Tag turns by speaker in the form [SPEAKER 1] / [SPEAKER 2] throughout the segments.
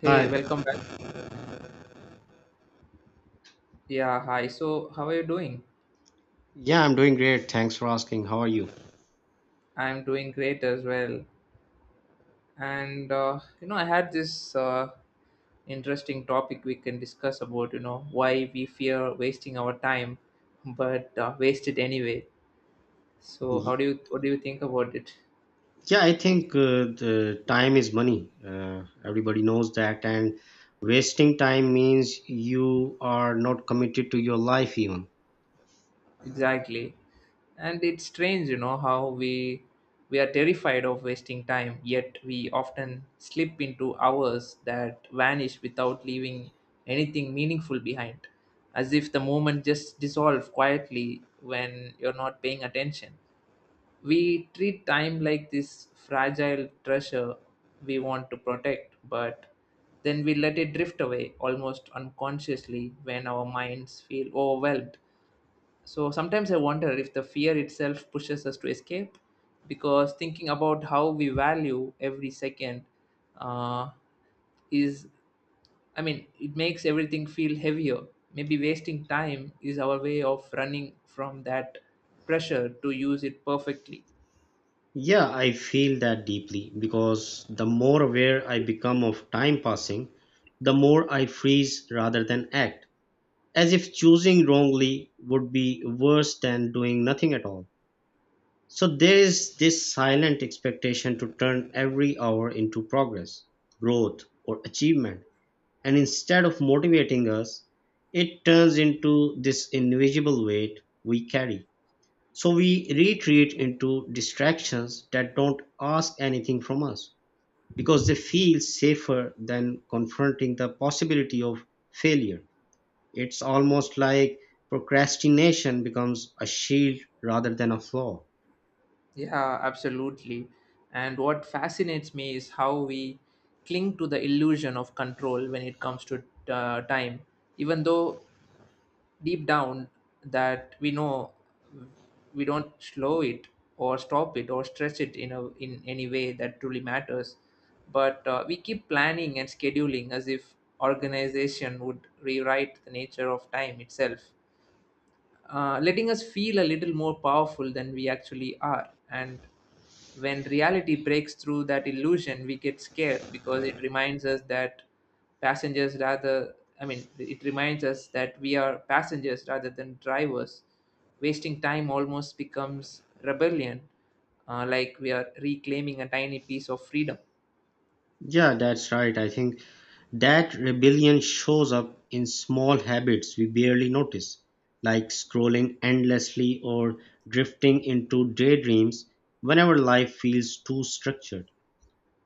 [SPEAKER 1] Hey,
[SPEAKER 2] Hi.
[SPEAKER 1] welcome back. Yeah, hi. So, how are you doing?
[SPEAKER 2] Yeah, I'm doing great. Thanks for asking. How are you?
[SPEAKER 1] I'm doing great as well. And you know, I had this interesting topic we can discuss about. You know, why we fear wasting our time, but waste it anyway. So, how
[SPEAKER 2] Y-
[SPEAKER 1] do you what do you think about it?
[SPEAKER 2] Yeah, I think the time is money. Everybody knows that. And wasting time means you are not committed to your life, even.
[SPEAKER 1] Exactly. And it's strange, you know, how we are terrified of wasting time, yet we often slip into hours that vanish without leaving anything meaningful behind, as if the moment just dissolves quietly when you're not paying attention. We treat time like this fragile treasure we want to protect, but then we let it drift away almost unconsciously when our minds feel overwhelmed. So sometimes I wonder if the fear itself pushes us to escape, because thinking about how we value every second uh, is, I mean, it makes everything feel heavier. Maybe wasting time is our way of running from that pressure to use it perfectly.
[SPEAKER 2] Yeah, I feel that deeply because the more aware I become of time passing, the more I freeze rather than act, as if choosing wrongly would be worse than doing nothing at all. So there is this silent expectation to turn every hour into progress, growth, or achievement. And instead of motivating us, it turns into this invisible weight we carry. So we retreat into distractions that don't ask anything from us because they feel safer than confronting the possibility of failure. It's almost like procrastination becomes a shield rather than a flaw.
[SPEAKER 1] Yeah, absolutely. And what fascinates me is how we cling to the illusion of control when it comes to time, even though deep down that we know we don't slow it or stop it or stretch it in a in any way that truly matters. But we keep planning and scheduling as if organization would rewrite the nature of time itself, letting us feel a little more powerful than we actually are. And when reality breaks through that illusion, we get scared because it reminds us that passengers rather, I mean, it reminds us that we are passengers rather than drivers. Wasting time almost becomes rebellion, like we are reclaiming a tiny piece of freedom.
[SPEAKER 2] Yeah, that's right. I think that rebellion shows up in small habits we barely notice, like scrolling endlessly or drifting into daydreams whenever life feels too structured.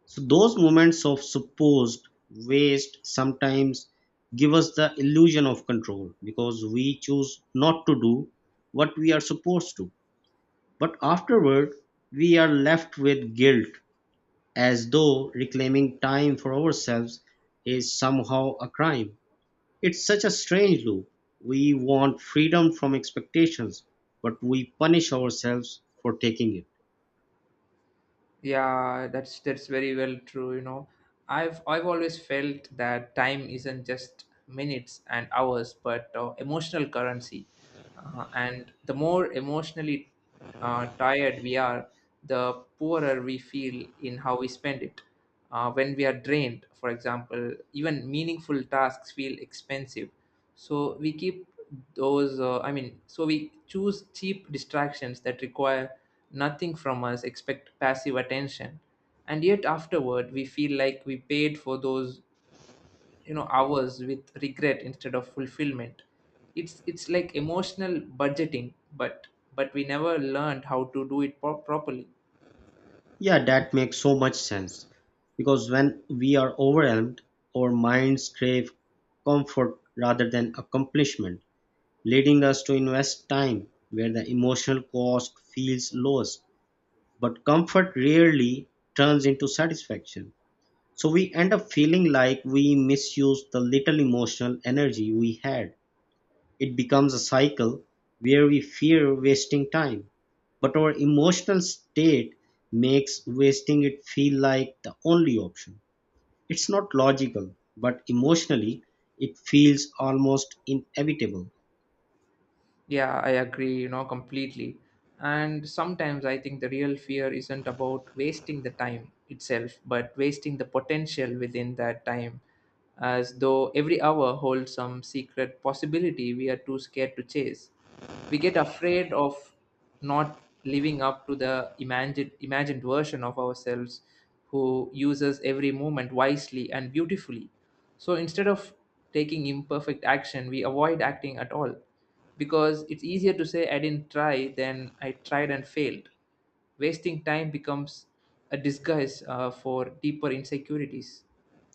[SPEAKER 2] So, those moments of supposed waste sometimes give us the illusion of control because we choose not to do what we are supposed to. But afterward, we are left with guilt as though reclaiming time for ourselves is somehow a crime. It's such a strange loop. We want freedom from expectations, but we punish ourselves for taking it.
[SPEAKER 1] Yeah, that's very well true, you know. I've always felt that time isn't just minutes and hours, but emotional currency. And the more emotionally tired we are, the poorer we feel in how we spend it. When we are drained, for example, even meaningful tasks feel expensive, so we keep those I mean so we choose cheap distractions that require nothing from us expect passive attention. And yet afterward we feel like we paid for those hours with regret instead of fulfillment. It's like emotional budgeting, but we never learned how to do it properly.
[SPEAKER 2] Yeah, that makes so much sense. Because when we are overwhelmed, our minds crave comfort rather than accomplishment, leading us to invest time where the emotional cost feels lowest. But comfort rarely turns into satisfaction. So we end up feeling like we misuse the little emotional energy we had. It becomes a cycle where we fear wasting time, but our emotional state makes wasting it feel like the only option. It's not logical, but emotionally, it feels almost inevitable.
[SPEAKER 1] Yeah, I agree, you know, completely. And sometimes I think the real fear isn't about wasting the time itself, but wasting the potential within that time, as though every hour holds some secret possibility we are too scared to chase. We get afraid of not living up to the imagined version of ourselves who uses every moment wisely and beautifully. So instead of taking imperfect action, we avoid acting at all, because it's easier to say I didn't try than I tried and failed. Wasting time becomes a disguise for deeper insecurities.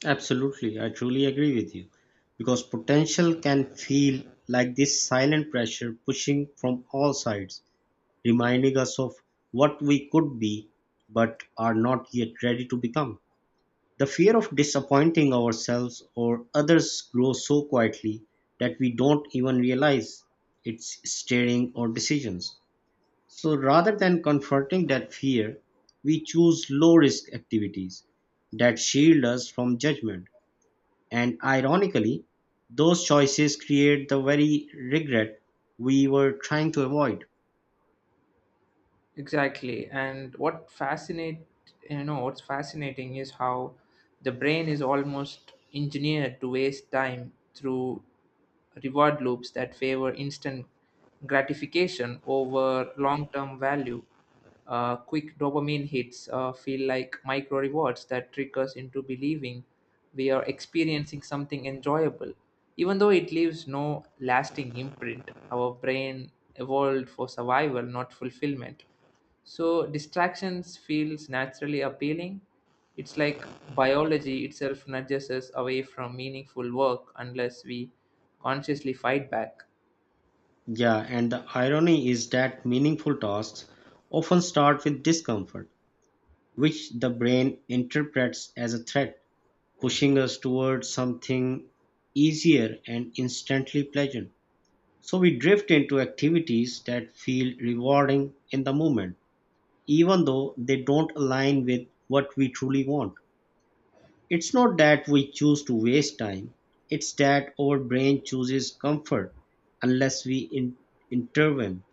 [SPEAKER 2] Absolutely, I truly agree with you. Because potential can feel like this silent pressure pushing from all sides, reminding us of what we could be but are not yet ready to become. The fear of disappointing ourselves or others grows so quietly that we don't even realize it's steering our decisions. So rather than confronting that fear, we choose low risk activities that shield us from judgment. And ironically, those choices create the very regret we were trying to avoid.
[SPEAKER 1] Exactly. And what fascinate you know, what's fascinating is how the brain is almost engineered to waste time through reward loops that favor instant gratification over long-term value. Quick dopamine hits feel like micro rewards that trick us into believing we are experiencing something enjoyable, even though it leaves no lasting imprint. Our brain evolved for survival, not fulfillment, so distractions feels naturally appealing. It's like biology itself nudges us away from meaningful work unless we consciously fight back.
[SPEAKER 2] Yeah, and the irony is that meaningful tasks often start with discomfort, which the brain interprets as a threat, pushing us towards something easier and instantly pleasant. So we drift into activities that feel rewarding in the moment, even though they don't align with what we truly want. It's not that we choose to waste time, it's that our brain chooses comfort unless we intervene.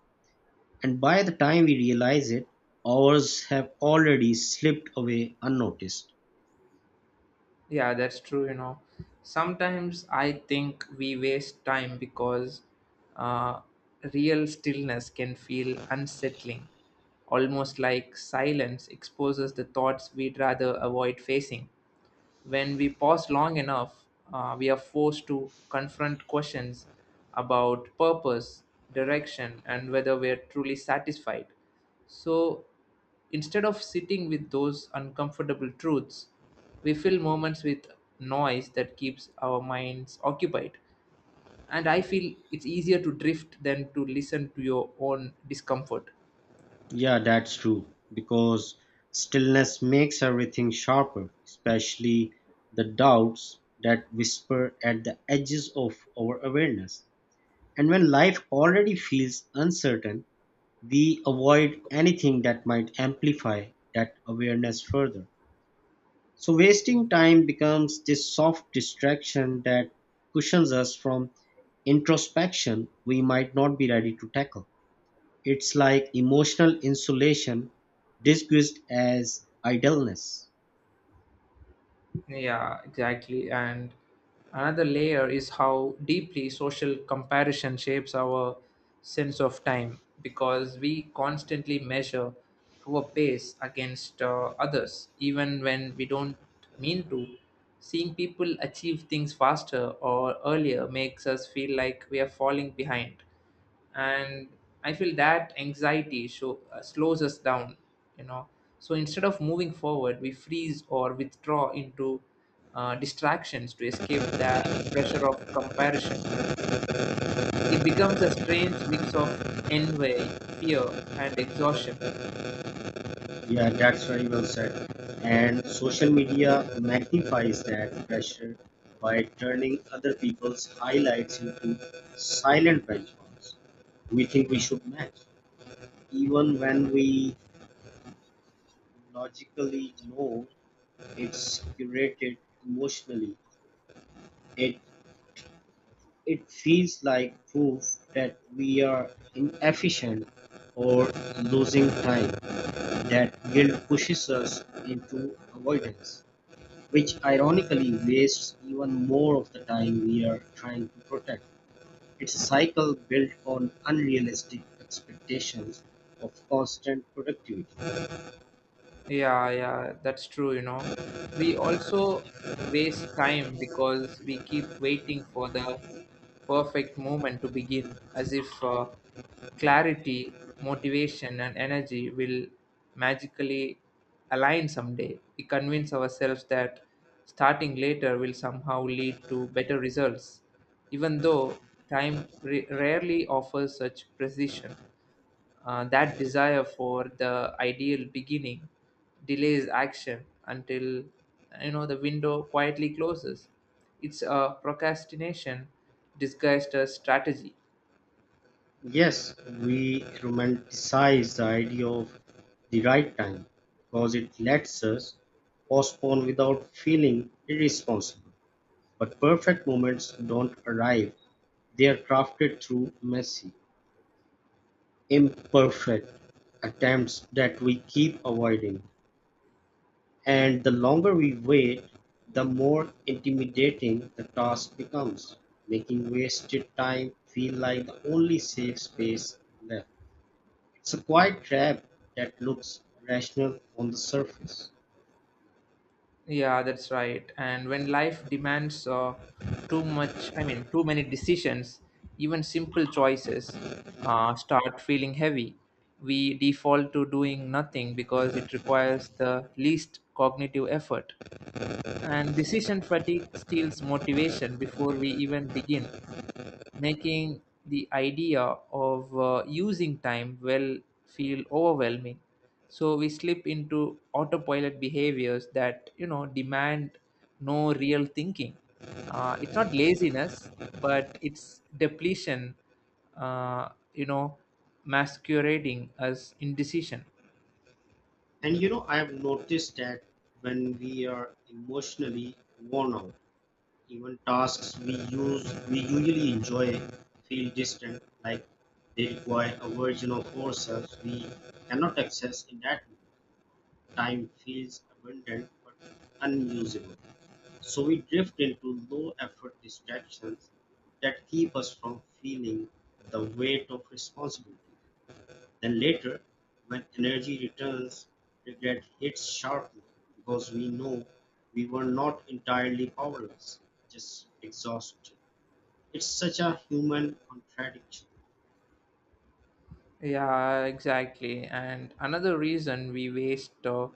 [SPEAKER 2] And by the time we realize it, hours have already slipped away unnoticed.
[SPEAKER 1] Yeah, that's true, you know. Sometimes I think we waste time because uh, real stillness can feel unsettling, almost like silence exposes the thoughts we'd rather avoid facing. When we pause long enough, we are forced to confront questions about purpose, direction, and whether we are truly satisfied. So instead of sitting with those uncomfortable truths, we fill moments with noise that keeps our minds occupied. And I feel it's easier to drift than to listen to your own discomfort.
[SPEAKER 2] Yeah, that's true. Because stillness makes everything sharper, especially the doubts that whisper at the edges of our awareness. And when life already feels uncertain, we avoid anything that might amplify that awareness further. So wasting time becomes this soft distraction that cushions us from introspection we might not be ready to tackle. It's like emotional insulation disguised as idleness.
[SPEAKER 1] Yeah, exactly. And another layer is how deeply social comparison shapes our sense of time, because we constantly measure our pace against others, even when we don't mean to. Seeing people achieve things faster or earlier makes us feel like we are falling behind, and I feel that slows us down, you know. So instead of moving forward, we freeze or withdraw into distractions to escape the pressure of comparison. It becomes a strange mix of envy, fear, and exhaustion.
[SPEAKER 2] Yeah, that's very well said. And social media magnifies that pressure by turning other people's highlights into silent benchmarks. We think we should match, even when we logically know. It's curated emotionally. It it feels like proof that we are inefficient or losing time. That guilt pushes us into avoidance, which ironically wastes even more of the time we are trying to protect. It's a cycle built on unrealistic expectations of constant productivity.
[SPEAKER 1] Yeah, yeah, that's true, you know. We also waste time because we keep waiting for the perfect moment to begin, as if clarity, motivation, and energy will magically align someday. We convince ourselves that starting later will somehow lead to better results, even though time rarely offers such precision. That desire for the ideal beginning delays action until, you know, the window quietly closes. It's a procrastination disguised as strategy.
[SPEAKER 2] Yes, we romanticize the idea of the right time because it lets us postpone without feeling irresponsible. But perfect moments don't arrive, they are crafted through messy, imperfect attempts that we keep avoiding. And the longer we wait, the more intimidating the task becomes, making wasted time feel like the only safe space left. It's a quiet trap that looks rational on the surface.
[SPEAKER 1] Yeah, that's right. And when life demands I mean, too many decisions, even simple choices start feeling heavy. We default to doing nothing because it requires the least cognitive effort. And decision fatigue steals motivation before we even begin, making the idea of using time well feel overwhelming. So we slip into autopilot behaviors that, you know, demand no real thinking. It's not laziness, but it's depletion. Uh, you know, masquerading as indecision.
[SPEAKER 2] And you know, I've noticed that when we are emotionally worn out, even tasks we usually enjoy feel distant, like they require a version of ourselves we cannot access in that moment. Time feels abundant but unusable. So we drift into low effort distractions that keep us from feeling the weight of responsibility. Then later, when energy returns, regret hits sharply because we know we were not entirely powerless, just exhausted. It's such a human contradiction.
[SPEAKER 1] Yeah, exactly. And another reason we waste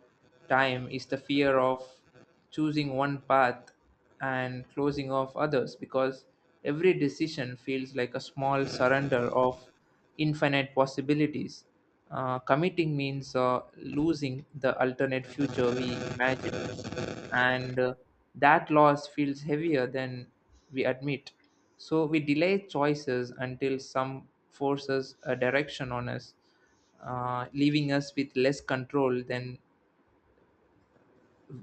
[SPEAKER 1] time is the fear of choosing one path and closing off others, because every decision feels like a small surrender of infinite possibilities. Committing means losing the alternate future we imagined, and that loss feels heavier than we admit. So we delay choices until some forces a direction on us, leaving us with less control than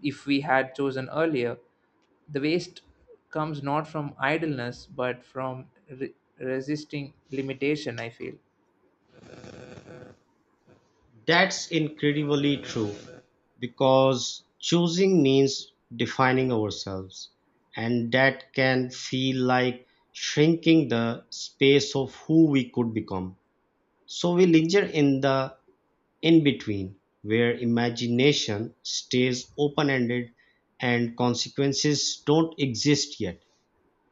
[SPEAKER 1] if we had chosen earlier. The waste comes not from idleness but from resisting limitation, I feel.
[SPEAKER 2] That's incredibly true because choosing means defining ourselves, and that can feel like shrinking the space of who we could become. So we linger in the in between, where imagination stays open ended and consequences don't exist yet.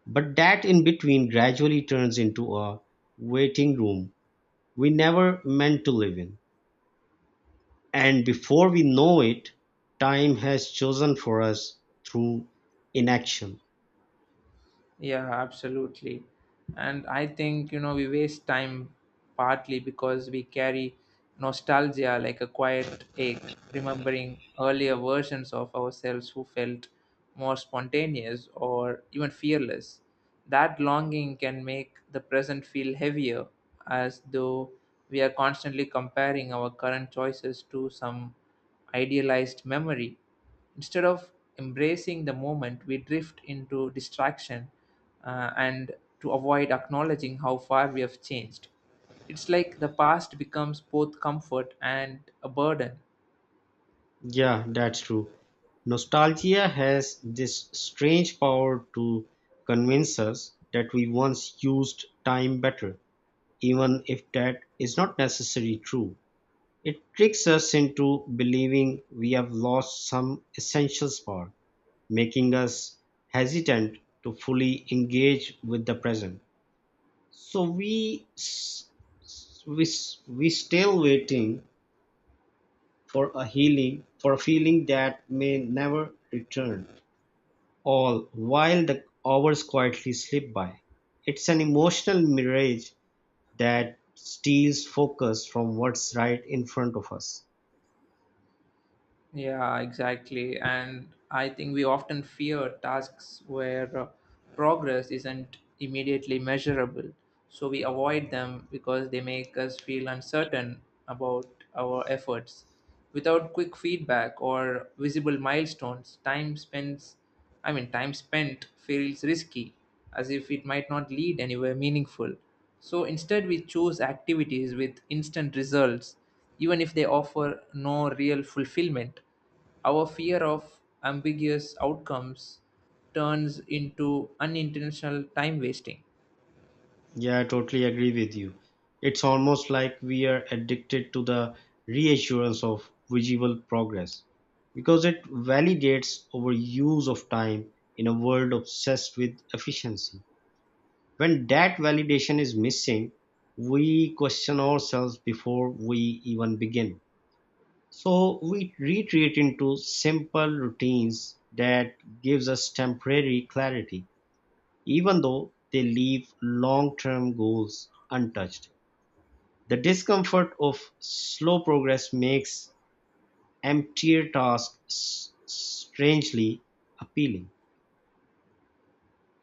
[SPEAKER 2] But that in between gradually turns into a waiting room we never meant to live in. And before we know it, time has chosen for us through inaction.
[SPEAKER 1] Yeah, absolutely. And I think, you know, we waste time partly because we carry nostalgia like a quiet ache, remembering earlier versions of ourselves who felt more spontaneous or even fearless. That longing can make the present feel heavier, as though we are constantly comparing our current choices to some idealized memory. Instead of embracing the moment, we drift into distraction and to avoid acknowledging how far we have changed. It's like the past becomes both comfort and a burden.
[SPEAKER 2] Yeah, that's true. Nostalgia has this strange power to convince us that we once used time better, even if that is not necessarily true. It tricks us into believing we have lost some essential spark, making us hesitant to fully engage with the present. So we still waiting for a healing, for a feeling that may never return. All while the hours quietly slip by. It's an emotional mirage that steals focus from what's right in front of us.
[SPEAKER 1] Yeah, exactly. And I think we often fear tasks where progress isn't immediately measurable. So we avoid them because they make us feel uncertain about our efforts. Without quick feedback or visible milestones, time spends I mean, time spent feels risky, as if it might not lead anywhere meaningful. So instead we choose activities with instant results, even if they offer no real fulfillment. Our fear of ambiguous outcomes turns into unintentional time wasting.
[SPEAKER 2] Yeah, I totally agree with you. It's almost like we are addicted to the reassurance of visible progress because it validates our use of time in a world obsessed with efficiency. When that validation is missing, we question ourselves before we even begin. So we retreat into simple routines that gives us temporary clarity. Even though they leave long-term goals untouched, the discomfort of slow progress makes emptier tasks strangely appealing.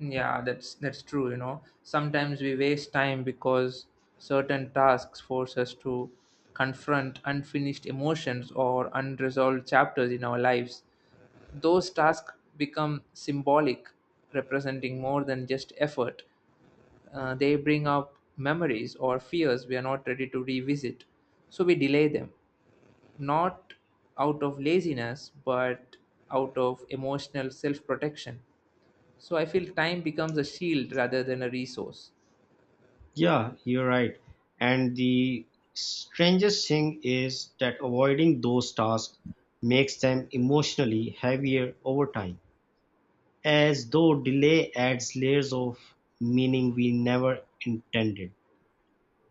[SPEAKER 1] Yeah, that's true, you know. Sometimes we waste time because certain tasks force us to confront unfinished emotions or unresolved chapters in our lives. Those tasks become symbolic, representing more than just effort. They bring up memories or fears we are not ready to revisit. So we delay them, not out of laziness, but out of emotional self protection. So I feel time becomes a shield rather than a resource.
[SPEAKER 2] Yeah, you're right. And the strangest thing is that avoiding those tasks makes them emotionally heavier over time, as though delay adds layers of meaning we never intended.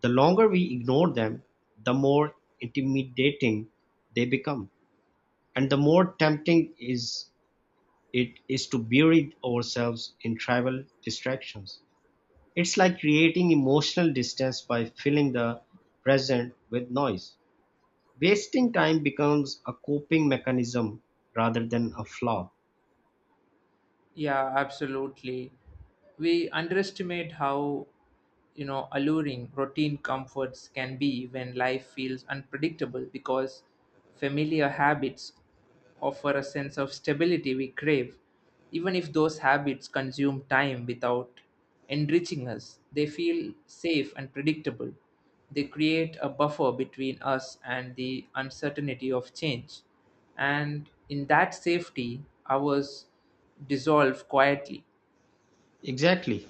[SPEAKER 2] The longer we ignore them, the more intimidating they become, and the more tempting is it is to bury ourselves in trivial distractions. It's like creating emotional distance by filling the present with noise. Wasting time becomes a coping mechanism rather than a flaw.
[SPEAKER 1] Yeah, absolutely. We underestimate how, you know, alluring routine comforts can be when life feels unpredictable, because familiar habits offer a sense of stability we crave. Even if those habits consume time without enriching us, they feel safe and predictable. They create a buffer between us and the uncertainty of change, and in that safety, I was dissolved quietly.
[SPEAKER 2] Exactly,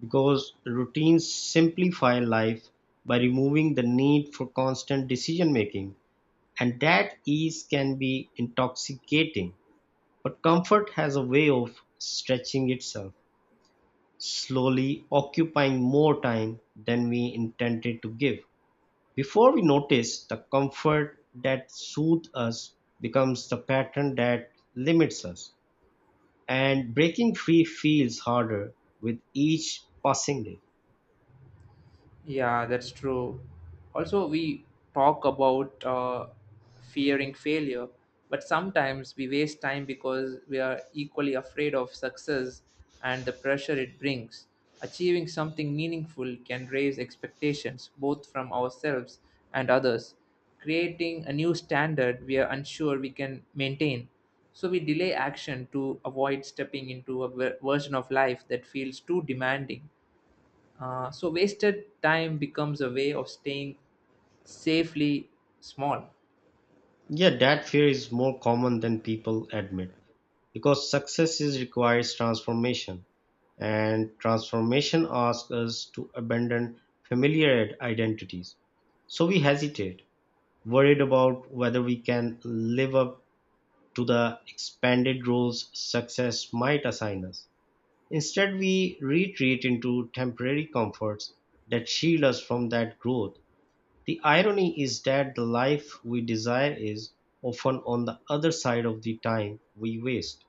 [SPEAKER 2] because routines simplify life by removing the need for constant decision making, and that ease can be intoxicating. But comfort has a way of stretching itself, slowly occupying more time than we intended to give. Before we notice, the comfort that soothes us becomes the pattern that limits us, and breaking free feels harder with each passing day.
[SPEAKER 1] Yeah, that's true. Also, we talk about fearing failure, but sometimes we waste time because we are equally afraid of success and the pressure it brings. Achieving something meaningful can raise expectations both from ourselves and others, creating a new standard we are unsure we can maintain. So we delay action to avoid stepping into a version of life that feels too demanding. So wasted time becomes a way of staying safely small.
[SPEAKER 2] Yeah, that fear is more common than people admit because success is requires transformation and transformation asks us to abandon familiar identities. So we hesitate, worried about whether we can live up to the expanded roles success might assign us. Instead, we retreat into temporary comforts that shield us from that growth. The irony is that the life we desire is often on the other side of the time we waste.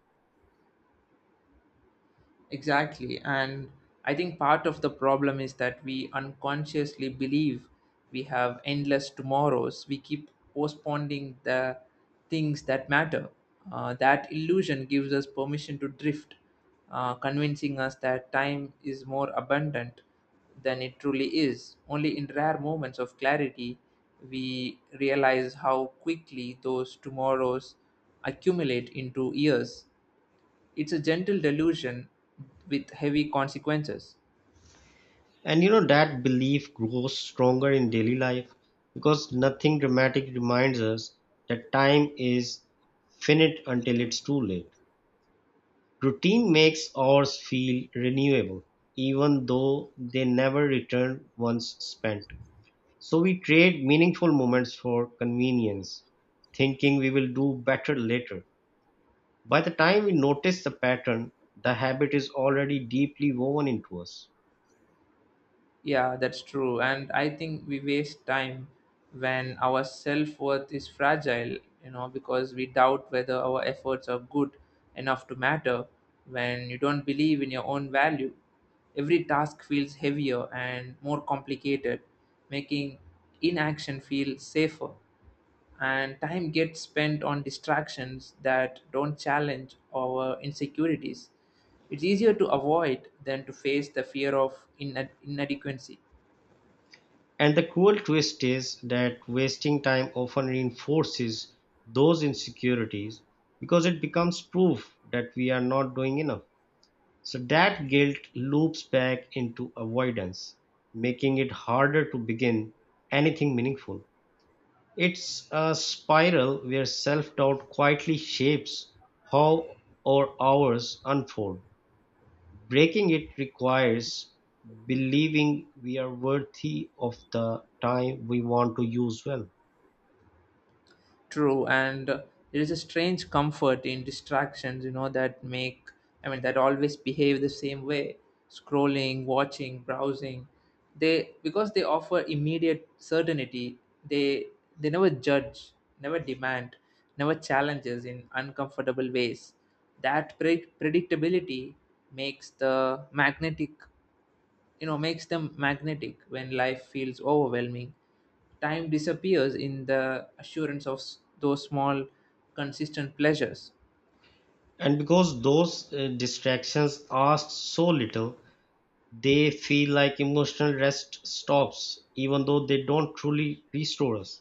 [SPEAKER 1] Exactly. And I think part of the problem is that we unconsciously believe we have endless tomorrows. We keep postponing the things that matter. That illusion gives us permission to drift, convincing us that time is more abundant than it truly is. Only in rare moments of clarity we realize how quickly those tomorrows accumulate into years. It's a gentle delusion with heavy consequences.
[SPEAKER 2] And you know, that belief grows stronger in daily life because nothing dramatic reminds us that time is finite until it's too late. Routine makes hours feel renewable, even though they never return once spent. So we trade meaningful moments for convenience, thinking we will do better later. By the time we notice the pattern, the habit is already deeply woven into us.
[SPEAKER 1] Yeah, that's true. And I think we waste time when our self worth is fragile, you know, because we doubt whether our efforts are good enough to matter when you don't believe in your own value. Every task feels heavier and more complicated, making inaction feel safer, and time gets spent on distractions that don't challenge our insecurities. It's easier to avoid than to face the fear of inadequacy.
[SPEAKER 2] And the cruel twist is that wasting time often reinforces those insecurities because it becomes proof that we are not doing enough. So that guilt loops back into avoidance, making it harder to begin anything meaningful. It's a spiral where self doubt quietly shapes how our hours unfold. Breaking it requires believing we are worthy of the time we want to use well.
[SPEAKER 1] True, and there is a strange comfort in distractions, you know, I mean, that always behave the same way. Scrolling, watching, browsing, they because they offer immediate certainty. They they never judge, never demand, never challenges in uncomfortable ways. That predictability makes the magnetic you know, makes them magnetic when life feels overwhelming. Time disappears in the assurance of those small consistent pleasures.
[SPEAKER 2] And because those distractions ask so little, they feel like emotional rest stops, even though they don't truly restore us.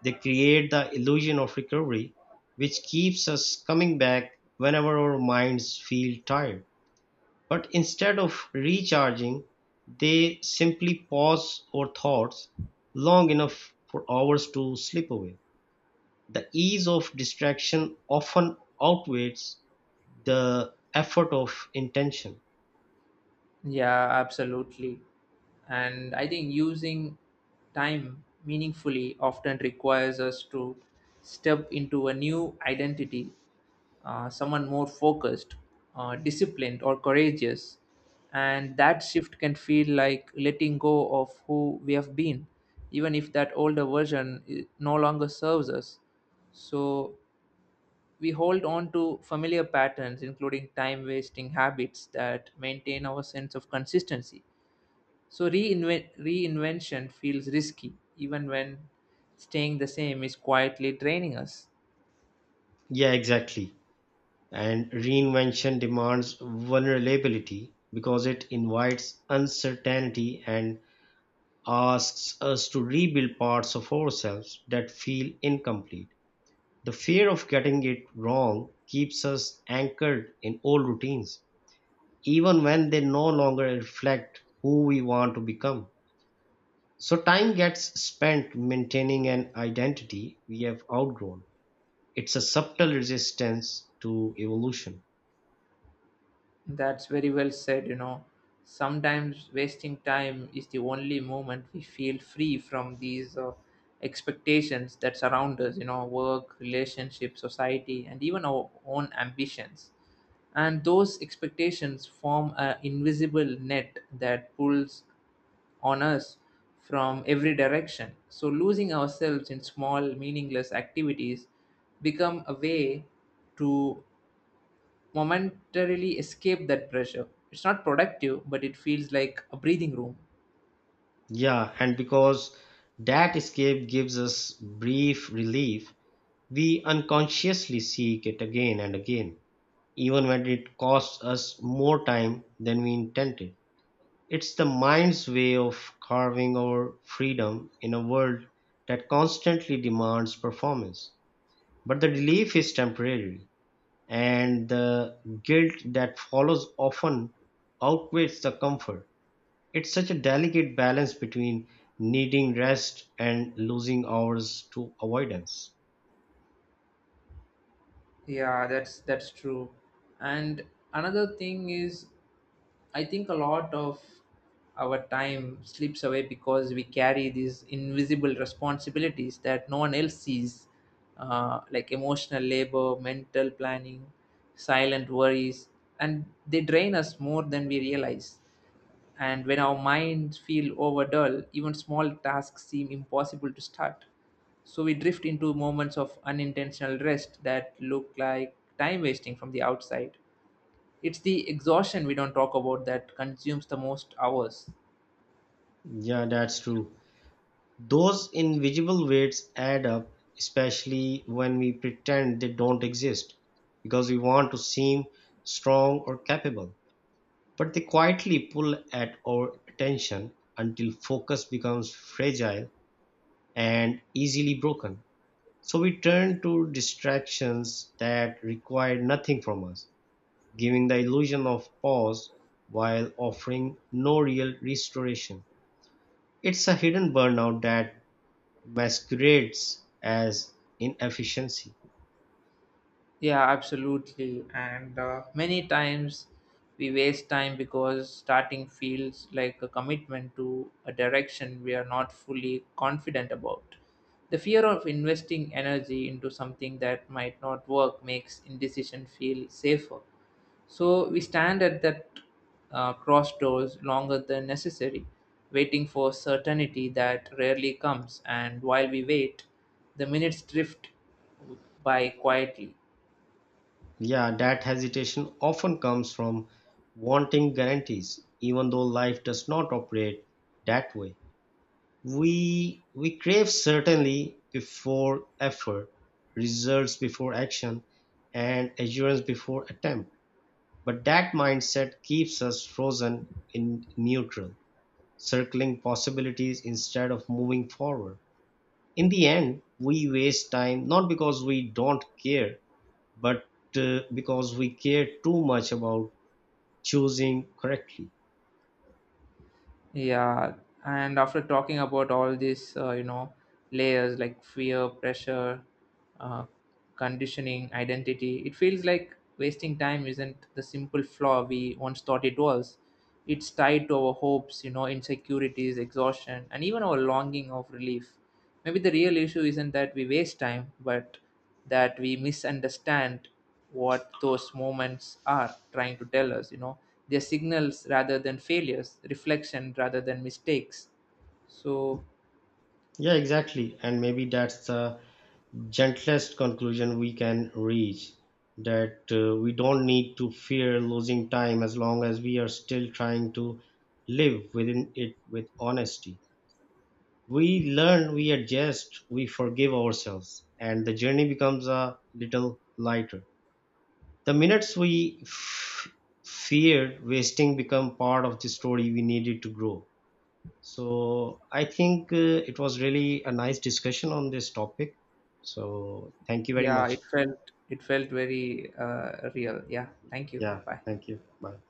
[SPEAKER 2] They create the illusion of recovery, which keeps us coming back whenever our minds feel tired. But instead of recharging, they simply pause our thoughts long enough for hours to slip away. The ease of distraction often outweighs the effort of intention.
[SPEAKER 1] Yeah, absolutely. And I think using time meaningfully often requires us to step into a new identity, someone more focused, disciplined, or courageous. And that shift can feel like letting go of who we have been, even if that older version no longer serves us. So we hold on to familiar patterns, including time wasting habits that maintain our sense of consistency. So reinvention feels risky, even when staying the same is quietly draining us.
[SPEAKER 2] Yeah, exactly. And reinvention demands vulnerability because it invites uncertainty and asks us to rebuild parts of ourselves that feel incomplete. The fear of getting it wrong keeps us anchored in old routines, even when they no longer reflect who we want to become. So, time gets spent maintaining an identity we have outgrown. It's a subtle resistance to evolution.
[SPEAKER 1] That's very well said, you know. Sometimes wasting time is the only moment we feel free from these expectations that surround us, you know, work, relationship, society, and even our own ambitions. And those expectations form an invisible net that pulls on us from every direction. So losing ourselves in small, meaningless activities become a way to momentarily escape that pressure. It's not productive, but it feels like a breathing room.
[SPEAKER 2] Yeah, and because that escape gives us brief relief, we unconsciously seek it again and again, even when it costs us more time than we intended. It's the mind's way of carving our freedom in a world that constantly demands performance. But the relief is temporary, and the guilt that follows often outweighs the comfort. It's such a delicate balance between needing rest and losing hours to avoidance.
[SPEAKER 1] Yeah, that's true. And another thing is, I think a lot of our time slips away because we carry these invisible responsibilities that no one else sees, like emotional labor, mental planning, silent worries, and they drain us more than we realize. And when our minds feel overdull, even small tasks seem impossible to start. So we drift into moments of unintentional rest that look like time wasting from the outside. It's the exhaustion we don't talk about that consumes the most hours.
[SPEAKER 2] Yeah, that's true. Those invisible weights add up, especially when we pretend they don't exist because we want to seem strong or capable. But they quietly pull at our attention until focus becomes fragile and easily broken. So we turn to distractions that require nothing from us, giving the illusion of pause while offering no real restoration. It's a hidden burnout that masquerades as inefficiency.
[SPEAKER 1] Yeah, absolutely. And many times we waste time because starting feels like a commitment to a direction we are not fully confident about. The fear of investing energy into something that might not work makes indecision feel safer. So we stand at that cross doors longer than necessary, waiting for certainty that rarely comes. And while we wait, the minutes drift by quietly.
[SPEAKER 2] Yeah, that hesitation often comes from wanting guarantees, even though life does not operate that way. We crave certainty before effort, results before action, and assurance before attempt. But that mindset keeps us frozen in neutral, circling possibilities instead of moving forward. In the end, we waste time not because we don't care, but because we care too much about choosing correctly.
[SPEAKER 1] Yeah, and after talking about all these, layers like fear, pressure, uh, conditioning, identity, it feels like wasting time isn't the simple flaw we once thought it was. It's tied to our hopes, you know, insecurities, exhaustion, and even our longing of relief. Maybe the real issue isn't that we waste time, but that we misunderstand what those moments are trying to tell us, you know. They're signals rather than failures, reflection rather than mistakes. So,
[SPEAKER 2] Yeah, exactly. And maybe that's the gentlest conclusion we can reach, that we don't need to fear losing time as long as we are still trying to live within it with honesty. We learn, we adjust, we forgive ourselves, and the journey becomes a little lighter. The minutes feared wasting become part of the story we needed to grow. So I think it was really a nice discussion on this topic. So thank you very
[SPEAKER 1] yeah,
[SPEAKER 2] much.
[SPEAKER 1] it felt very real. Yeah, thank you.
[SPEAKER 2] Yeah,
[SPEAKER 1] Bye.
[SPEAKER 2] thank you. Bye.